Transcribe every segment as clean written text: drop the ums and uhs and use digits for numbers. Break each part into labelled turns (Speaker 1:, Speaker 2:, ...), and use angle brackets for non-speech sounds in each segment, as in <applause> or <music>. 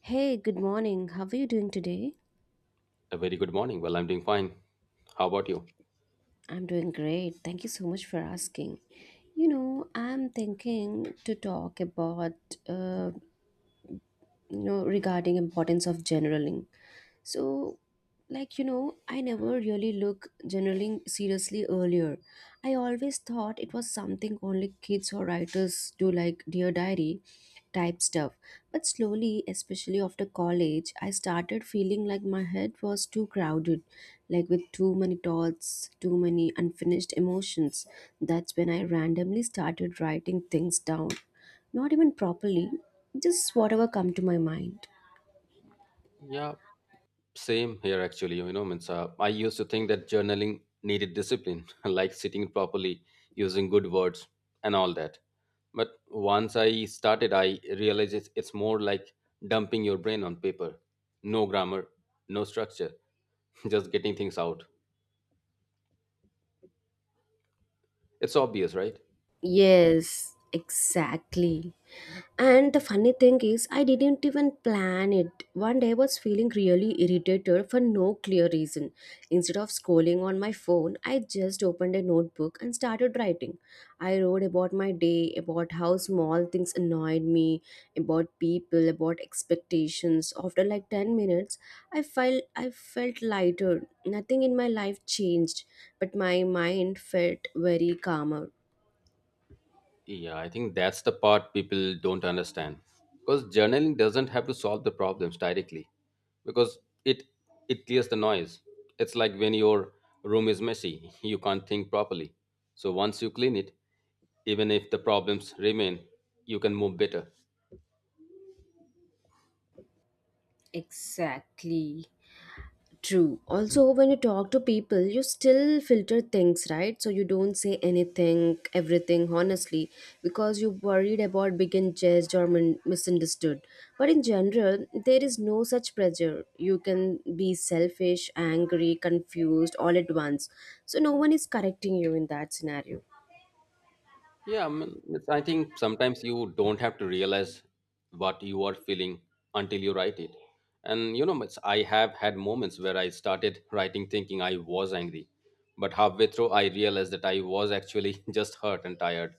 Speaker 1: Hey, good morning. How are you doing today?
Speaker 2: A very good morning. Well, I'm doing fine. How about you?
Speaker 1: I'm doing great. Thank you so much for asking. You know, I'm thinking to talk about uh, you know regarding importance of generaling. So, I never really look generaling seriously earlier. I always thought it was something only kids or writers do, like Dear Diary type stuff. But slowly, especially after college, I started feeling like my head was too crowded, like with too many thoughts, too many unfinished emotions. That's when I randomly started writing things down. Not even properly, just whatever come to my mind.
Speaker 2: Yeah, same here actually. You know, means I used to think that journaling needed discipline, <laughs> like sitting properly, using good words, and all that. But once I started, I realized it's more like dumping your brain on paper. No grammar, no structure, <laughs> just getting things out. It's obvious, right?
Speaker 1: Yes, exactly. And the funny thing is, I didn't even plan it. One day I was feeling really irritated for no clear reason. Instead of scrolling on my phone, I just opened a notebook and started writing. I wrote about my day, about how small things annoyed me, about people, about expectations. After like 10 minutes, I felt lighter. Nothing in my life changed, but my mind felt very calmer.
Speaker 2: Yeah, I think that's the part people don't understand. Because journaling doesn't have to solve the problems directly. Because it it clears the noise. It's like when your room is messy, <laughs> you can't think properly. So once you clean it, even if the problems remain, you can move better.
Speaker 1: Exactly. True. Also, when you talk to people, you still filter things, right? So you don't say anything, everything, honestly, because you're worried about being judged or misunderstood. But in general, there is no such pressure. You can be selfish, angry, confused all at once. So no one is correcting you in that scenario.
Speaker 2: Yeah, I mean, I think sometimes you don't have to realize what you are feeling until you write it. And you know, I have had moments where I started writing thinking I was angry, but halfway through I realized that I was actually <laughs> just hurt and tired.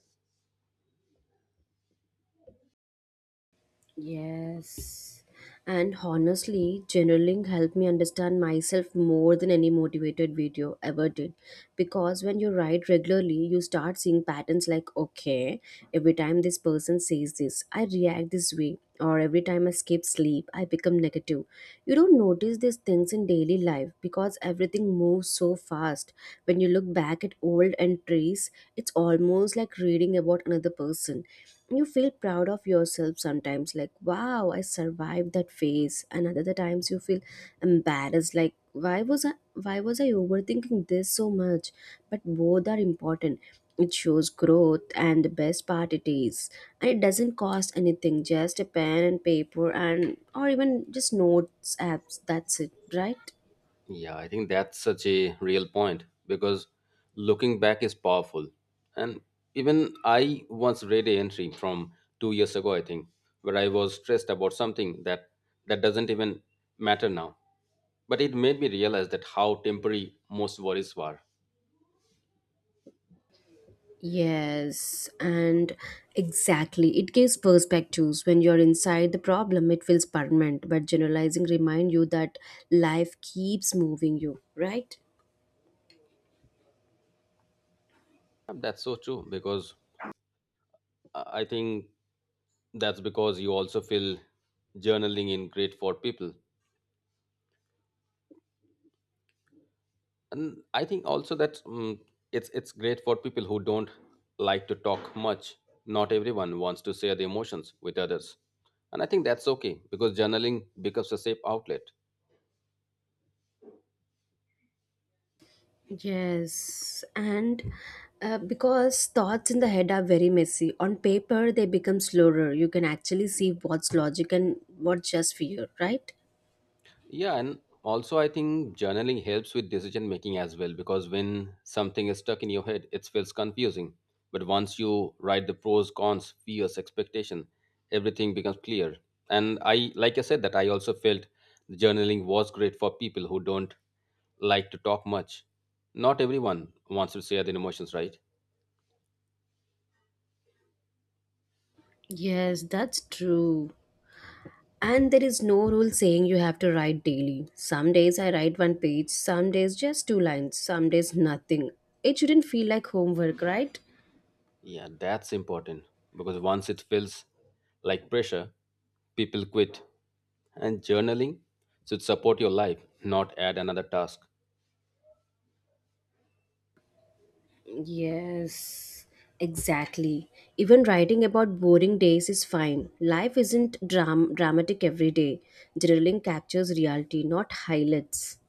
Speaker 1: Yes. And honestly, journaling helped me understand myself more than any motivated video ever did. Because when you write regularly, you start seeing patterns like, okay, every time this person says this, I react this way. Or every time I skip sleep, I become negative. You don't notice these things in daily life because everything moves so fast. When you look back at old entries, it's almost like reading about another person. You feel proud of yourself sometimes, like wow, I survived that phase, and other times you feel embarrassed like why was I overthinking this so much. But both are important. It shows growth. And the best part it is, and it doesn't cost anything, just a pen and paper and or even just notes apps. That's it, right?
Speaker 2: Yeah, I think that's such a real point because looking back is powerful. And even I once read an entry from 2 years ago, I think, where I was stressed about something that doesn't even matter now, but it made me realize that how temporary most worries were.
Speaker 1: Yes, and exactly. It gives perspectives. When you're inside the problem, it feels permanent, but generalizing remind you that life keeps moving you, right?
Speaker 2: And that's so true because I think that's because you also feel journaling in great for people, and I think also that it's great for people who don't like to talk much. Not everyone wants to share their emotions with others, and I think that's okay because journaling becomes a safe outlet.
Speaker 1: Yes, and because thoughts in the head are very messy. On paper, they become slower. You can actually see what's logic and what's just fear, right?
Speaker 2: Yeah, and also I think journaling helps with decision making as well because when something is stuck in your head, it feels confusing. But once you write the pros, cons, fears, expectation, everything becomes clear. And I, like I said, that I also felt the journaling was great for people who don't like to talk much. Not everyone wants to share their emotions, right?
Speaker 1: Yes, that's true. And there is no rule saying you have to write daily. Some days I write one page, some days just two lines, some days nothing. It shouldn't feel like homework, right?
Speaker 2: Yeah, that's important because once it feels like pressure, people quit. And journaling should support your life, not add another task.
Speaker 1: Yes, exactly. Even writing about boring days is fine. Life isn't dramatic every day. Journaling captures reality, not highlights.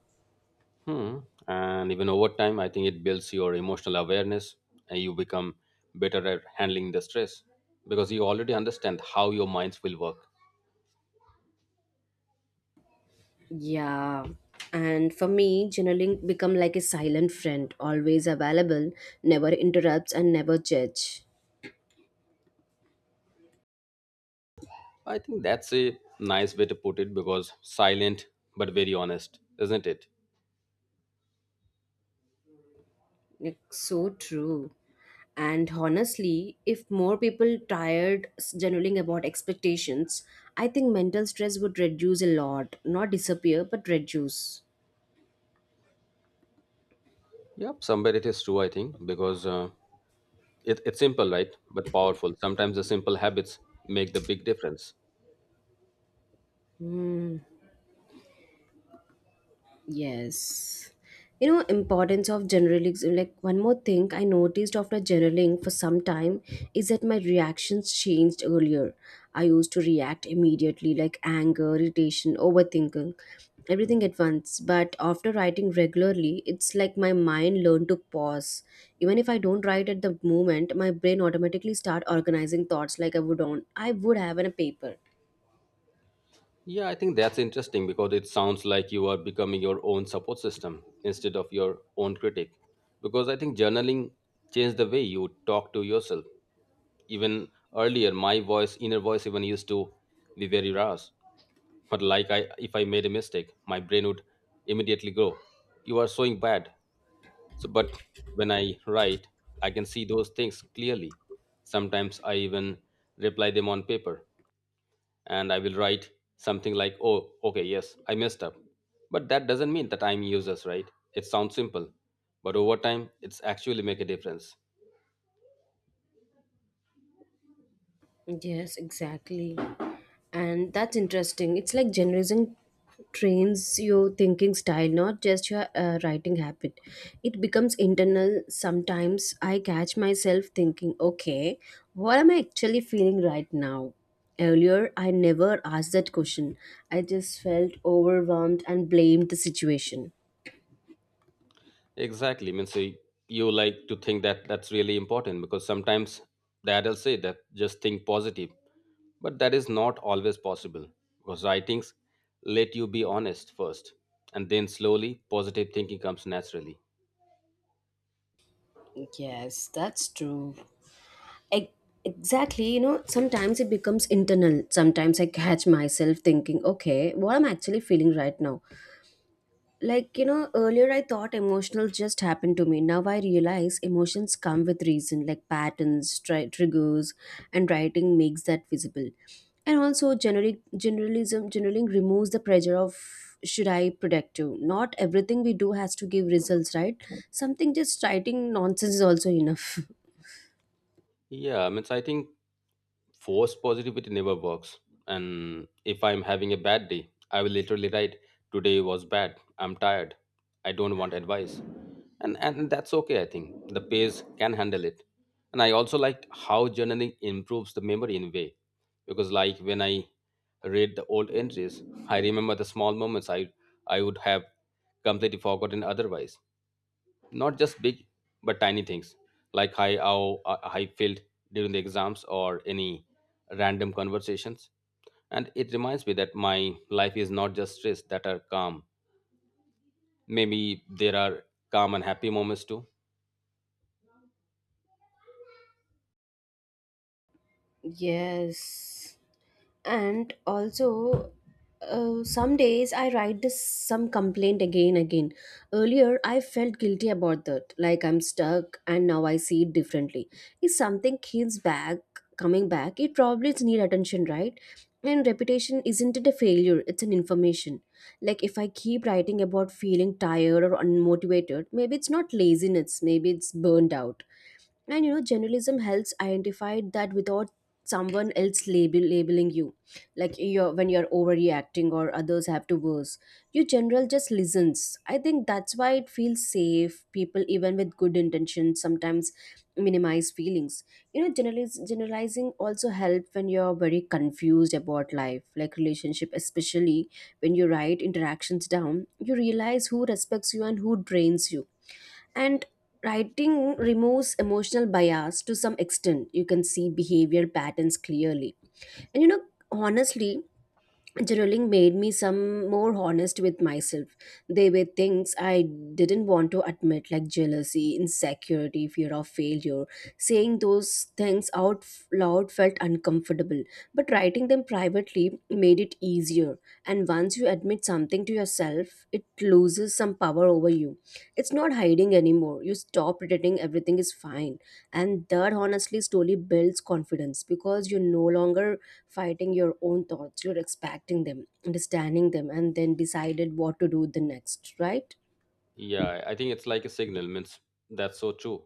Speaker 2: Hmm. And even over time, I think it builds your emotional awareness and you become better at handling the stress because you already understand how your minds will work.
Speaker 1: Yeah. And for me, journaling become like a silent friend, always available, never interrupts and never judge.
Speaker 2: I think that's a nice way to put it because silent but very honest, isn't it?
Speaker 1: It's so true. And honestly, if more people tired journaling about expectations, I think mental stress would reduce a lot. Not disappear, but reduce.
Speaker 2: Yep, somewhere it is true, I think, because it's simple, right? But powerful. Sometimes the simple habits make the big difference.
Speaker 1: Hmm. Yes. You know, importance of journaling, like one more thing I noticed after journaling for some time is that my reactions changed earlier. I used to react immediately, like anger, irritation, overthinking, everything at once. But after writing regularly, it's like my mind learned to pause. Even if I don't write at the moment, my brain automatically start organizing thoughts like I would have on a paper.
Speaker 2: Yeah, I think that's interesting because it sounds like you are becoming your own support system instead of your own critic. Because I think journaling changed the way you talk to yourself. Even earlier, my voice, inner voice, even used to be very rash. But like if I made a mistake, my brain would immediately go, "You are so bad." So, but when I write, I can see those things clearly. Sometimes I even reply them on paper, and I will write something like, oh, okay, yes, I messed up. But that doesn't mean that I'm useless, right? It sounds simple, but over time, it's actually make a difference.
Speaker 1: Yes, exactly. And that's interesting. It's like generation trains your thinking style, not just your writing habit. It becomes internal. Sometimes I catch myself thinking, okay, what am I actually feeling right now? Earlier I never asked that question. I just felt overwhelmed and blamed the situation.
Speaker 2: Exactly. Means you like to think that that's really important because sometimes the adults say that just think positive, but that is not always possible because writings let you be honest first, and then slowly positive thinking comes naturally.
Speaker 1: Yes, that's true. E- Exactly, you know, sometimes it becomes internal. Sometimes I catch myself thinking, okay, what am I actually feeling right now? Like you know, earlier I thought emotional just happened to me. Now I realize emotions come with reason, like patterns, triggers, and writing makes that visible. And also generic generalism generally removes the pressure of should I productive. Not everything we do has to give results, right? Something, just writing nonsense is also enough. <laughs>
Speaker 2: Yeah, means I think force positivity never works. And if I'm having a bad day, I will literally write today was bad, I'm tired, I don't want advice. And that's okay. I think the page can handle it. And I also liked how journaling improves the memory in a way, because like when I read the old entries, I remember the small moments I would have completely forgotten otherwise. Not just big, but tiny things, like how I felt during the exams or any random conversations. And it reminds me that my life is not just stress that are calm. Maybe there are calm and happy moments too.
Speaker 1: Yes. And also some days I write this some complaint again again. Earlier I felt guilty about that, like I'm stuck, and now I see it differently. If something keeps back coming back, it probably needs attention, right? And repetition isn't it a failure, it's an information. Like if I keep writing about feeling tired or unmotivated, maybe it's not laziness, maybe it's burned out. And you know, journalism helps identify that without someone else labeling you. Like you're when you're overreacting, or others have to worse. Your general just listens. I think that's why it feels safe. People even with good intentions sometimes minimize feelings. You know, generalizing also help when you're very confused about life, like relationship especially. When you write interactions down, you realize who respects you and who drains you. And writing removes emotional bias to some extent. You can see behavior patterns clearly. And you know, honestly, journaling made me some more honest with myself. They were things I didn't want to admit, like jealousy, insecurity, fear of failure. Saying those things out loud felt uncomfortable, but writing them privately made it easier. And once you admit something to yourself, it loses some power over you. It's not hiding anymore. You stop pretending everything is fine. And that honestly slowly builds confidence because you're no longer fighting your own thoughts. You're expecting them, understanding them, and then decided what to do the next, right?
Speaker 2: Yeah, I think it's like a signal. Means that's so true.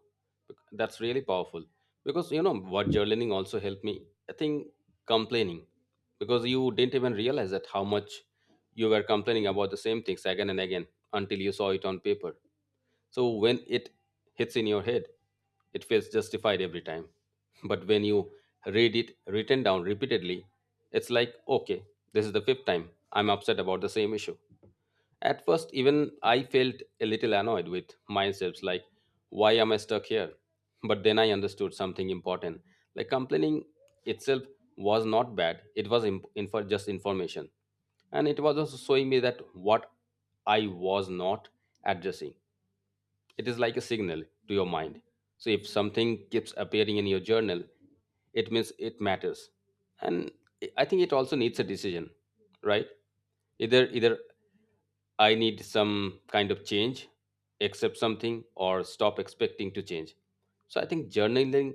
Speaker 2: That's really powerful because you know what journaling also helped me. I think complaining, because you didn't even realize that how much you were complaining about the same things again and again until you saw it on paper. So when it hits in your head, it feels justified every time. <laughs> But when you read it written down repeatedly, it's like okay, this is the fifth time I'm upset about the same issue. At first, even I felt a little annoyed with myself, like, why am I stuck here? But then I understood something important. Like, complaining itself was not bad, it was just information. And it was also showing me that what I was not addressing. It is like a signal to your mind. So, if something keeps appearing in your journal, it means it matters. And I think it also needs a decision, right? Either I need some kind of change, accept something, or stop expecting to change. So I think journaling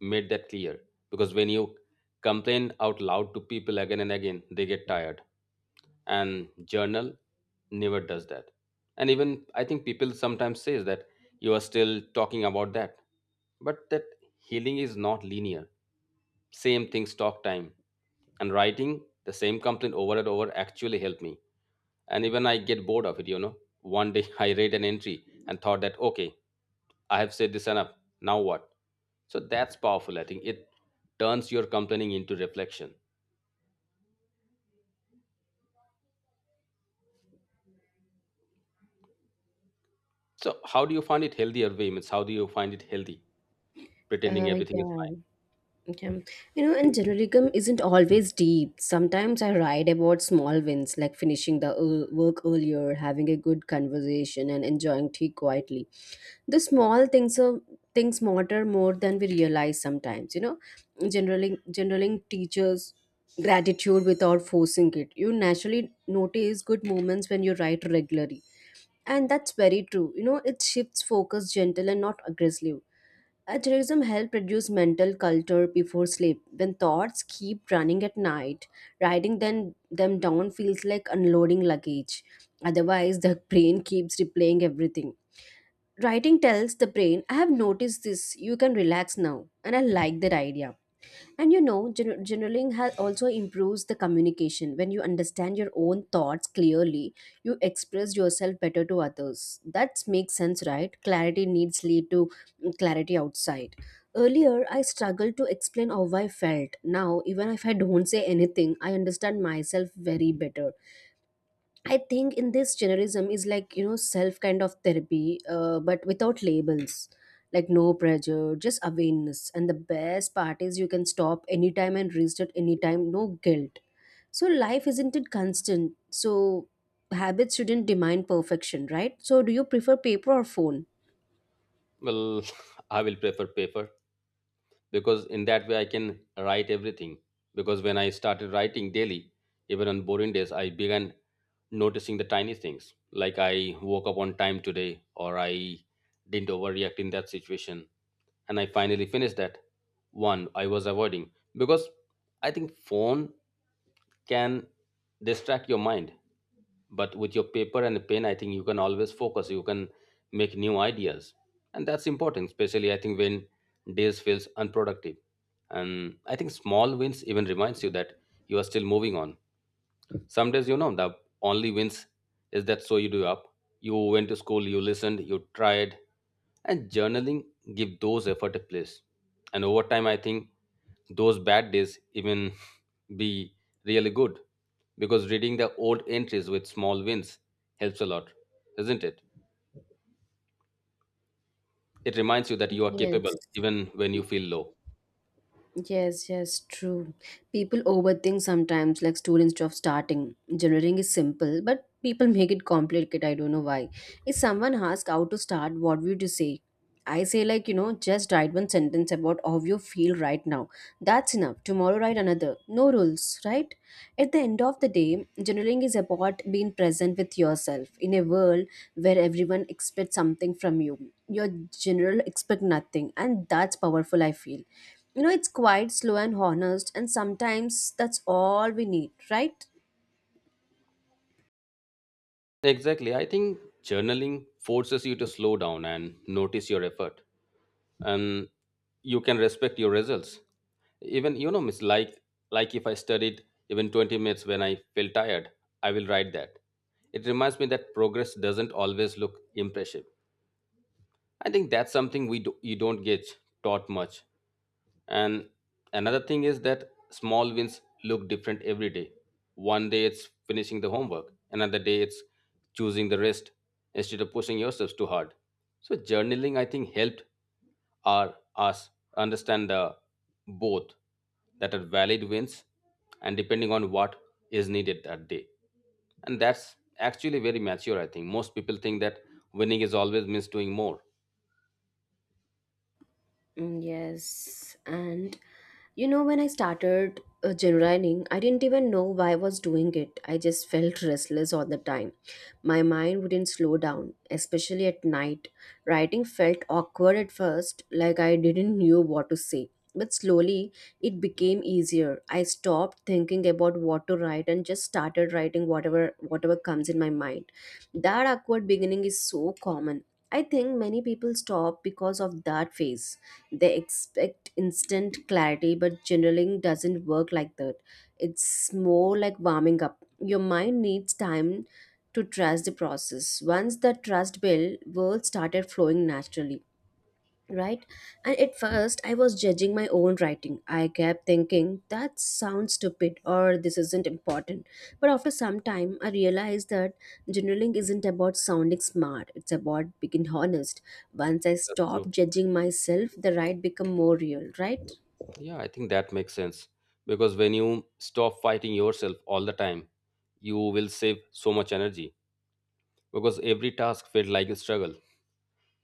Speaker 2: made that clear because when you complain out loud to people again and again, they get tired. And journal never does that. And even I think people sometimes says that you are still talking about that, but that healing is not linear. Same things talk time, and writing the same complaint over and over actually helped me. And even I get bored of it, you know. One day <laughs> I read an entry and thought that okay, I have said this enough, now what? So that's powerful. I think it turns your complaining into reflection. So how do you find it healthier way? Means how do you find it healthy
Speaker 1: Uh,
Speaker 2: pretending everything is
Speaker 1: yeah.
Speaker 2: fine?
Speaker 1: Okay. You know, and journalism isn't always deep. Sometimes I write about small wins, like finishing the work earlier, having a good conversation, and enjoying tea quietly. The small things are things matter more than we realize sometimes. You know, generally teaches gratitude without forcing it. You naturally notice good moments when you write regularly, and that's very true. You know, it shifts focus gentle and not aggressive. Tourism helps reduce mental culture before sleep. When thoughts keep running at night, writing them down feels like unloading luggage. Otherwise, the <laughs> brain keeps replaying everything. Writing tells the brain, I have noticed this, you can relax now. And I like that idea. And you know, journaling has also improves the communication. When you understand your own thoughts clearly, you express yourself better to others. That makes sense, right? Clarity needs lead to clarity outside. Earlier, I struggled to explain how I felt. Now, even if I don't say anything, I understand myself very better. I think in this generism is like you know self kind of therapy, but without labels, like no pressure, just awareness. And the best part is you can stop anytime and restart anytime, no guilt. So life isn't it constant? So habits shouldn't demand perfection, right? So do you prefer paper or phone?
Speaker 2: Well, <laughs> I will prefer paper because in that way I can write everything. Because when I started writing daily, even on boring days, I began noticing the tiny things like I woke up on time today, or I didn't overreact in that situation. And I finally finished that one I was avoiding because I think phone can distract your mind, but with your paper and the pen, I think you can always focus. You can make new ideas, and that's important, especially I think when days feels unproductive. And I think small wins even reminds you that you are still moving on. Some days you know the only wins is that so you do up, you went to school, you listened, you tried. And journaling give those effort a place. And over time I think those bad days even <laughs> be really good, because reading the old entries with small wins helps a lot, isn't it? It reminds you that you are
Speaker 1: Yes.
Speaker 2: capable even when you feel low.
Speaker 1: Yes, true. People overthink sometimes, like students job starting. Generating is simple, but people <laughs> make it complicated. I don't know why. If someone asks how to start, what would you say? I say, like, you know, just write one sentence about how you feel right now. That's enough. Tomorrow, write another. No rules, right? At the end of the day, journaling is about being present with yourself in a world where everyone expects something from you. Your general expect nothing, and that's powerful, I feel. You know, it's quite slow and honest, and sometimes that's all we need, right?
Speaker 2: Exactly. I think journaling forces you to slow down and notice your effort, and you can respect your results. Even you know, miss like if I studied even 20 minutes when I feel tired, I will write that. It reminds me that progress doesn't always look impressive. I think that's something we do, you don't get taught much. And another thing is that small wins look different every day. One day it's finishing the homework, another day it's choosing the rest instead of pushing yourselves too hard. So journaling, I think, helped our us understand the both that are valid wins and depending on what is needed that day. And that's actually very mature, I think. Most people think that winning is always means doing more.
Speaker 1: Yes, and you know, when I started journaling, I didn't even know why I was doing it. I just felt restless all the time. My mind wouldn't slow down, especially at night. Writing felt awkward at first, like I didn't knew what to say. But slowly, it became easier. I stopped thinking about what to write and just started writing whatever comes in my mind. That awkward beginning is so common. I think many people stop because of that phase. They expect instant clarity, but journaling doesn't work like that. It's more like warming up. Your mind needs time to trust the process. Once that trust built, words started flowing naturally, right? And at first I was judging my own writing. I kept thinking that sounds stupid or this isn't important. But after some time I realized that journaling isn't about sounding smart, it's about being honest. Once I
Speaker 2: That's
Speaker 1: stopped
Speaker 2: true.
Speaker 1: judging myself, the write become more real, right?
Speaker 2: Yeah, I think that makes sense because when you stop fighting yourself all the time, you will save so much energy because every task felt like a struggle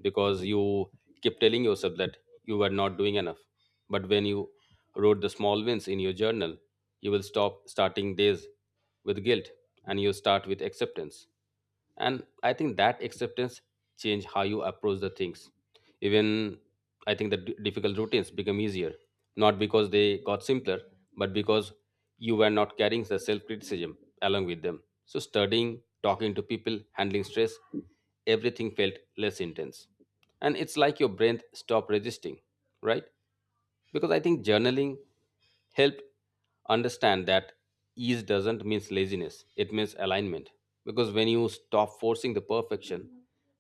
Speaker 2: because you keep telling yourself that you were not doing enough. But when you wrote the small wins in your journal, you will stop starting days with guilt, and you start with acceptance. And I think that acceptance change how you approach the things. Even I think the difficult routines become easier, not because they got simpler, but because you were not carrying the self-criticism along with them. So studying, talking to people, handling stress, everything felt less intense. And it's like your brain stopped resisting, right? Because I think journaling helped understand that ease doesn't mean laziness, it means alignment. Because when you stop forcing the perfection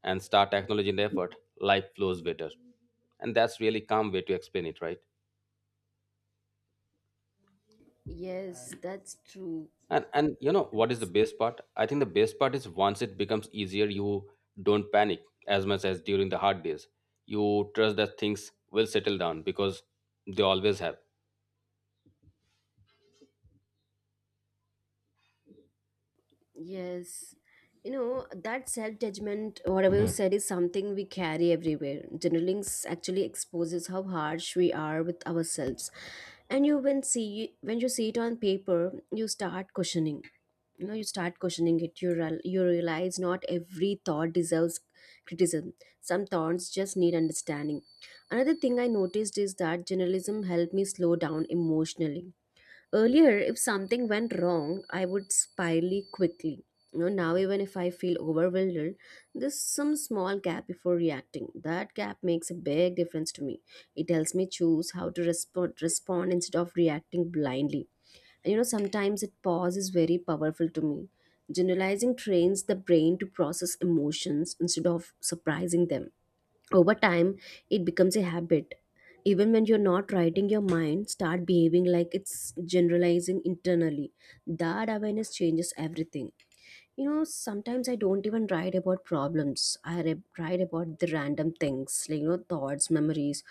Speaker 2: and start acknowledging the effort, life flows better. And that's really calm way to explain it, right?
Speaker 1: Yes, that's true.
Speaker 2: And you know what is the best part? I think the best part is once it becomes easier you don't panic as much as during the hard days. You trust that things will settle down because they always have.
Speaker 1: Yes. You know, that self judgment, whatever you said, is something we carry everywhere. Journaling actually exposes how harsh we are with ourselves. And you when see when you see it on paper, you start questioning. You know, you start questioning it. You realize not every thought deserves criticism. Some thoughts just need understanding. Another thing I noticed is that journalism helped me slow down emotionally. Earlier, if something went wrong, I would spirally quickly. Now even if I feel overwhelmed, there's some small gap before reacting. That gap makes a big difference to me. It helps me choose how to respond instead of reacting blindly. And sometimes it pause is very powerful to me. Generalizing trains the brain to process emotions instead of surprising them. Over time, it becomes a habit even when you're not writing, your mind start behaving like it's generalizing internally. That awareness changes everything. You know, sometimes I don't even write about problems. I write about the random things, like thoughts, memories,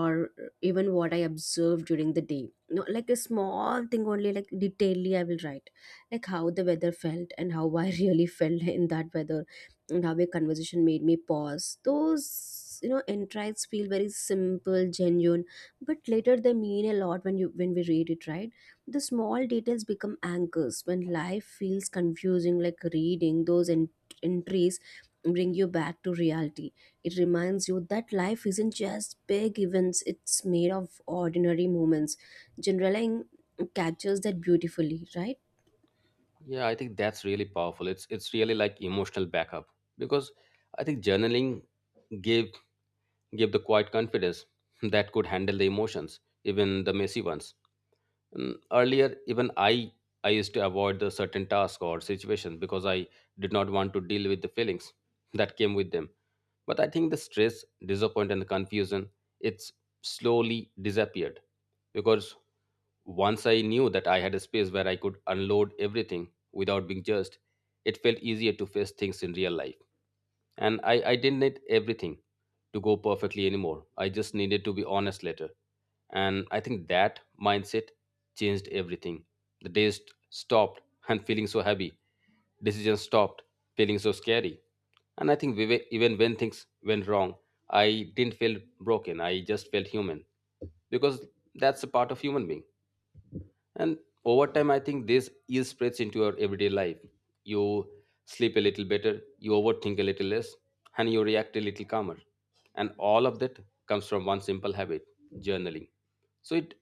Speaker 1: or even what I observed during the day. Like a small thing only, like detailedly I will write, like how the weather felt and how I <laughs> really felt in that weather, and how a conversation made me pause. Those insights feel very simple, genuine, but later they mean a lot when you when we read it, right? The small details become anchors when life feels confusing. Like reading those entries bring you back to reality. It reminds you that life isn't just big events, it's made of ordinary moments. Generalizing captures that beautifully, right?
Speaker 2: Yeah, I think that's really powerful. It's really like emotional backup, because I think journaling gave gave the quiet confidence <laughs> that could handle the emotions, even the messy ones. Earlier, even I used to avoid the certain task or situation because I did not want to deal with the feelings <laughs> that came with them. But I think the stress, disappointment, and the confusion it's slowly disappeared because once I knew that I had a space where I could unload everything without being judged, it felt easier to face things in real life. And I didn't need everything to go perfectly anymore. I just needed to be honest later. And I think that mindset changed everything. The days stopped and feeling so heavy. Decisions stopped feeling so scary. And I think even when things went wrong, I didn't feel broken. I just felt human because that's a part of human being. And over time, I think this is spreads into your everyday life. You sleep a little better, you overthink a little less, and you react a little calmer. And all of that comes from one simple habit journaling. So it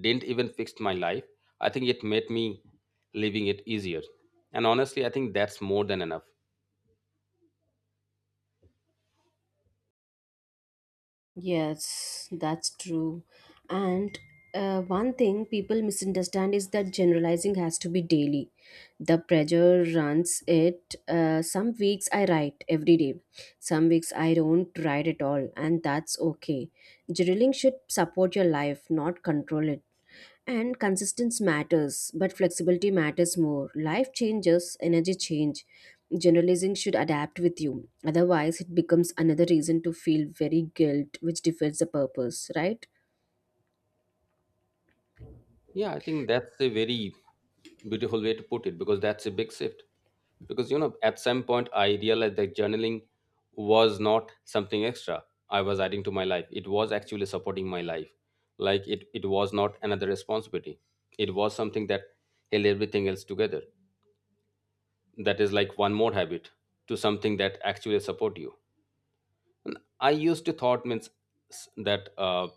Speaker 2: didn't even fix my life. I think it made me living it easier. And honestly, I think that's more than enough.
Speaker 1: Yes, that's true. And one thing people misunderstand is that generalizing has to be daily. The pressure runs it. Some weeks I write every day, some weeks I don't ride at all, and that's okay. Journaling should support your life, not control it. And consistency matters, but flexibility matters more. Life changes, energy change. Generalizing should adapt with you. Otherwise, it becomes another reason to feel very guilt, which defeats the purpose, right?
Speaker 2: Yeah, I think that's a very beautiful way to put it because that's a big shift. Because, you know, at some point I realized that journaling was not something extra I was adding to my life. It was actually supporting my life. Like it was not another responsibility. It was something that held everything else together. That is like one more habit to something that actually support you. I used to thought means s- that uh,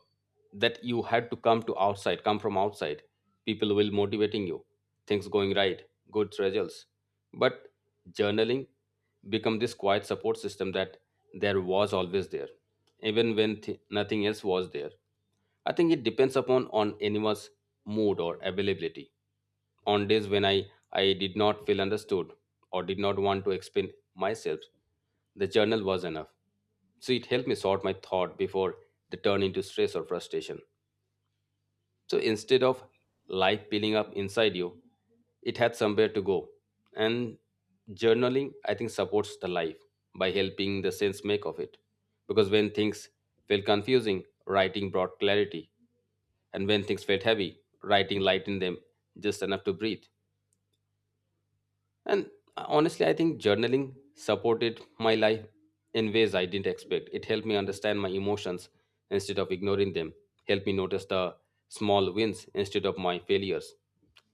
Speaker 2: that you had to come to outside, come from outside. People will motivating you, things going right, good results. But journaling become this quiet support system that there was always there, even when nothing else was there. I think it depends upon on anyone's mood or availability. On days when I did not feel understood or did not want to explain myself, the journal was enough so it helped me sort my thought before they turn into stress or frustration. So instead of life piling up inside you, it had somewhere to go. And journaling, I think, supports the life by helping the sense make of it. Because when things felt confusing, writing brought clarity. And when things felt heavy, writing lightened them just enough to breathe. And honestly, I think journaling supported my life in ways I didn't expect. It helped me understand my emotions instead of ignoring them, helped me notice the small wins instead of my failures,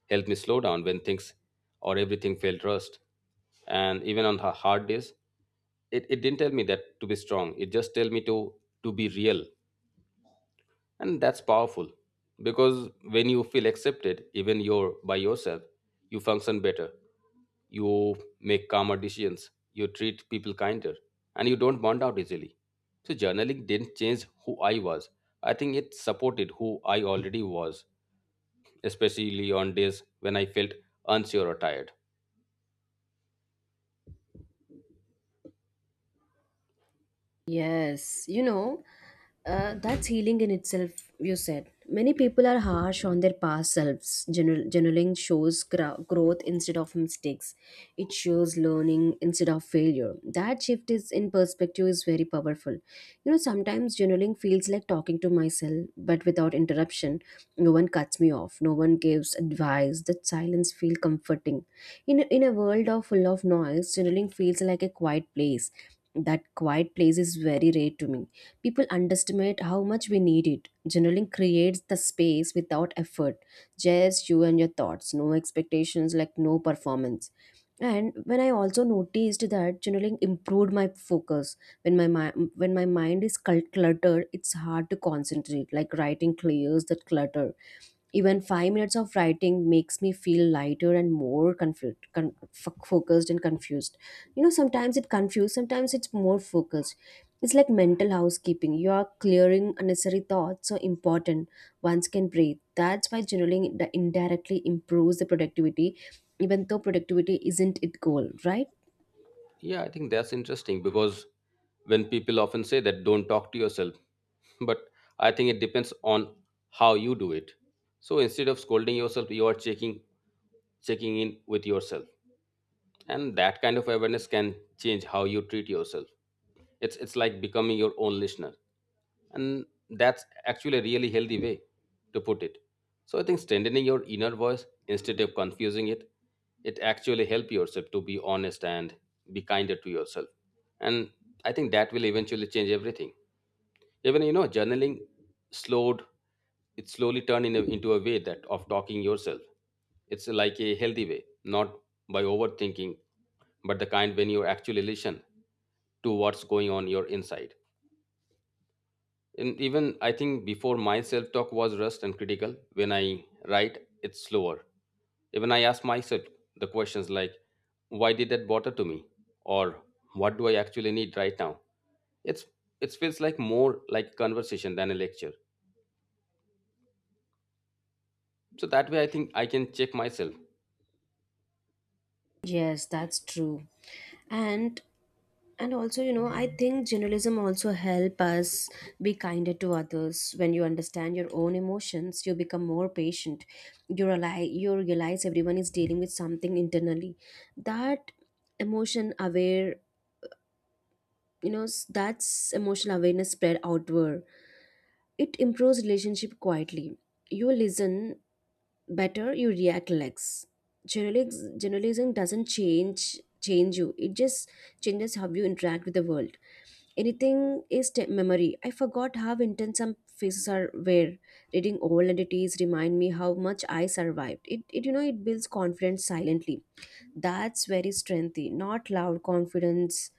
Speaker 2: helped me slow down when things or everything felt rushed. And even on hard days, it didn't tell me that to be strong. It just tell me to be real and that's powerful because when you feel accepted, even you're by yourself, you function better, you make calmer decisions, you treat people kinder, and you don't burn out easily. So, journaling didn't change who I was. I think it supported who I already was, especially on days when I felt unsure or tired.
Speaker 1: Yes, you know, that's healing in itself, you said. Many people are harsh on their past selves. Journaling shows growth instead of mistakes. It shows learning instead of failure. That shift is in perspective is very powerful. You know, sometimes journaling feels like talking to myself, but without interruption. No one cuts me off. No one gives advice. That silence feels comforting. In a world of full of noise, journaling feels like a quiet place. That quiet place is very rare to me. People underestimate how much we need it. Journaling creates the space without effort, just you and your thoughts, no expectations, like no performance. And when I also noticed that journaling improved my focus. When my mind is cluttered, it's hard to concentrate. Like writing clears that clutter. Even 5 minutes of writing makes me feel lighter and more confused, focused and confused. You know, sometimes it confused, sometimes it's more focused. It's like mental housekeeping. You are clearing unnecessary thoughts so important ones can breathe. That's why journaling indirectly improves the productivity, even though productivity isn't its goal, right?
Speaker 2: Yeah, I think that's interesting because when people often say that don't talk to yourself, <laughs> but I think it depends on how you do it. So instead of scolding yourself, you are checking in with yourself. And that kind of awareness can change how you treat yourself. It's like becoming your own listener and that's actually a really healthy way to put it. So I think strengthening your inner voice instead of confusing it, it actually help yourself to be honest and be kinder to yourself. And I think that will eventually change everything. Even, you know, journaling slowed, it slowly turned into a way that of talking yourself. It's like a healthy way, not by overthinking, but the kind when you actually listen to what's going on your inside. And even I think before my self talk was rushed and critical. When I write, it's slower. Even I ask myself the questions like, why did that bother to me? Or what do I actually need right now? It's it feels like more like conversation than a lecture. So that way I think I can check myself.
Speaker 1: Yes, that's true. And also, you know, I think journalism also help us be kinder to others. When you understand your own emotions, you become more patient. You realize everyone is dealing with something internally. That emotion aware, that's emotional awareness spread outward. It improves relationship quietly. You listen better, you react less. Generalizing doesn't change you, it just changes how you interact with the world. Anything is memory. I forgot how intense some faces are were. Reading old entities remind me how much I survived it, it you know, it builds confidence silently. That's very strengthy, not loud confidence,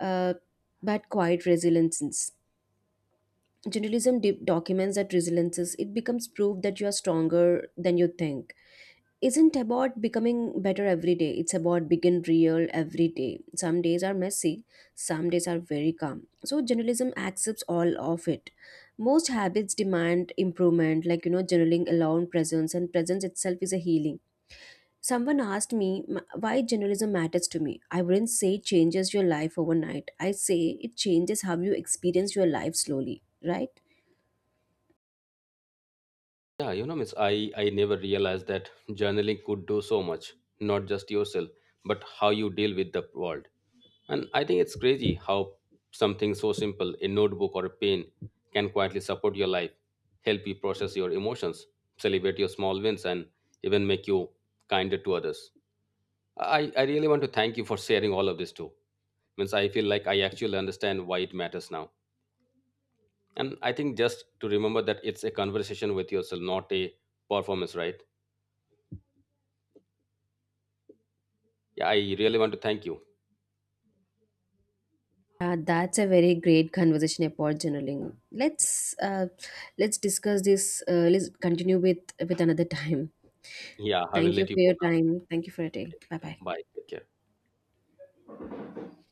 Speaker 1: uh, but quiet resilience. Journalism documents that resiliences. It becomes proof that you are stronger than you think. Isn't about becoming better every day. It's about begin real every day. Some days are messy. Some days are very calm. So journalism accepts all of it. Most habits demand improvement, like you know, journaling alone presence, and presence itself is a healing. Someone asked me, "M- "Why journalism matters to me?" I wouldn't say it changes your life overnight. I say it changes how you experience your life slowly, right?
Speaker 2: Yeah, you know, Miss, I never realized that journaling could do so much, not just yourself, but how you deal with the world. And I think it's crazy how something so simple, a notebook or a pen, can quietly support your life, help you process your emotions, celebrate your small wins, and even make you kinder to others. I really want to thank you for sharing all of this too. Means I feel like I actually understand why it matters now. And I think just to remember that it's a conversation with yourself, not a performance, right? Yeah, I really want to thank you.
Speaker 1: That's a very great conversation about journaling. Let's discuss this. Let's continue with another time.
Speaker 2: Yeah, I will
Speaker 1: Thank you
Speaker 2: let you
Speaker 1: for
Speaker 2: go
Speaker 1: your
Speaker 2: now.
Speaker 1: time. Thank you for your day. Bye bye.
Speaker 2: Bye. Take care.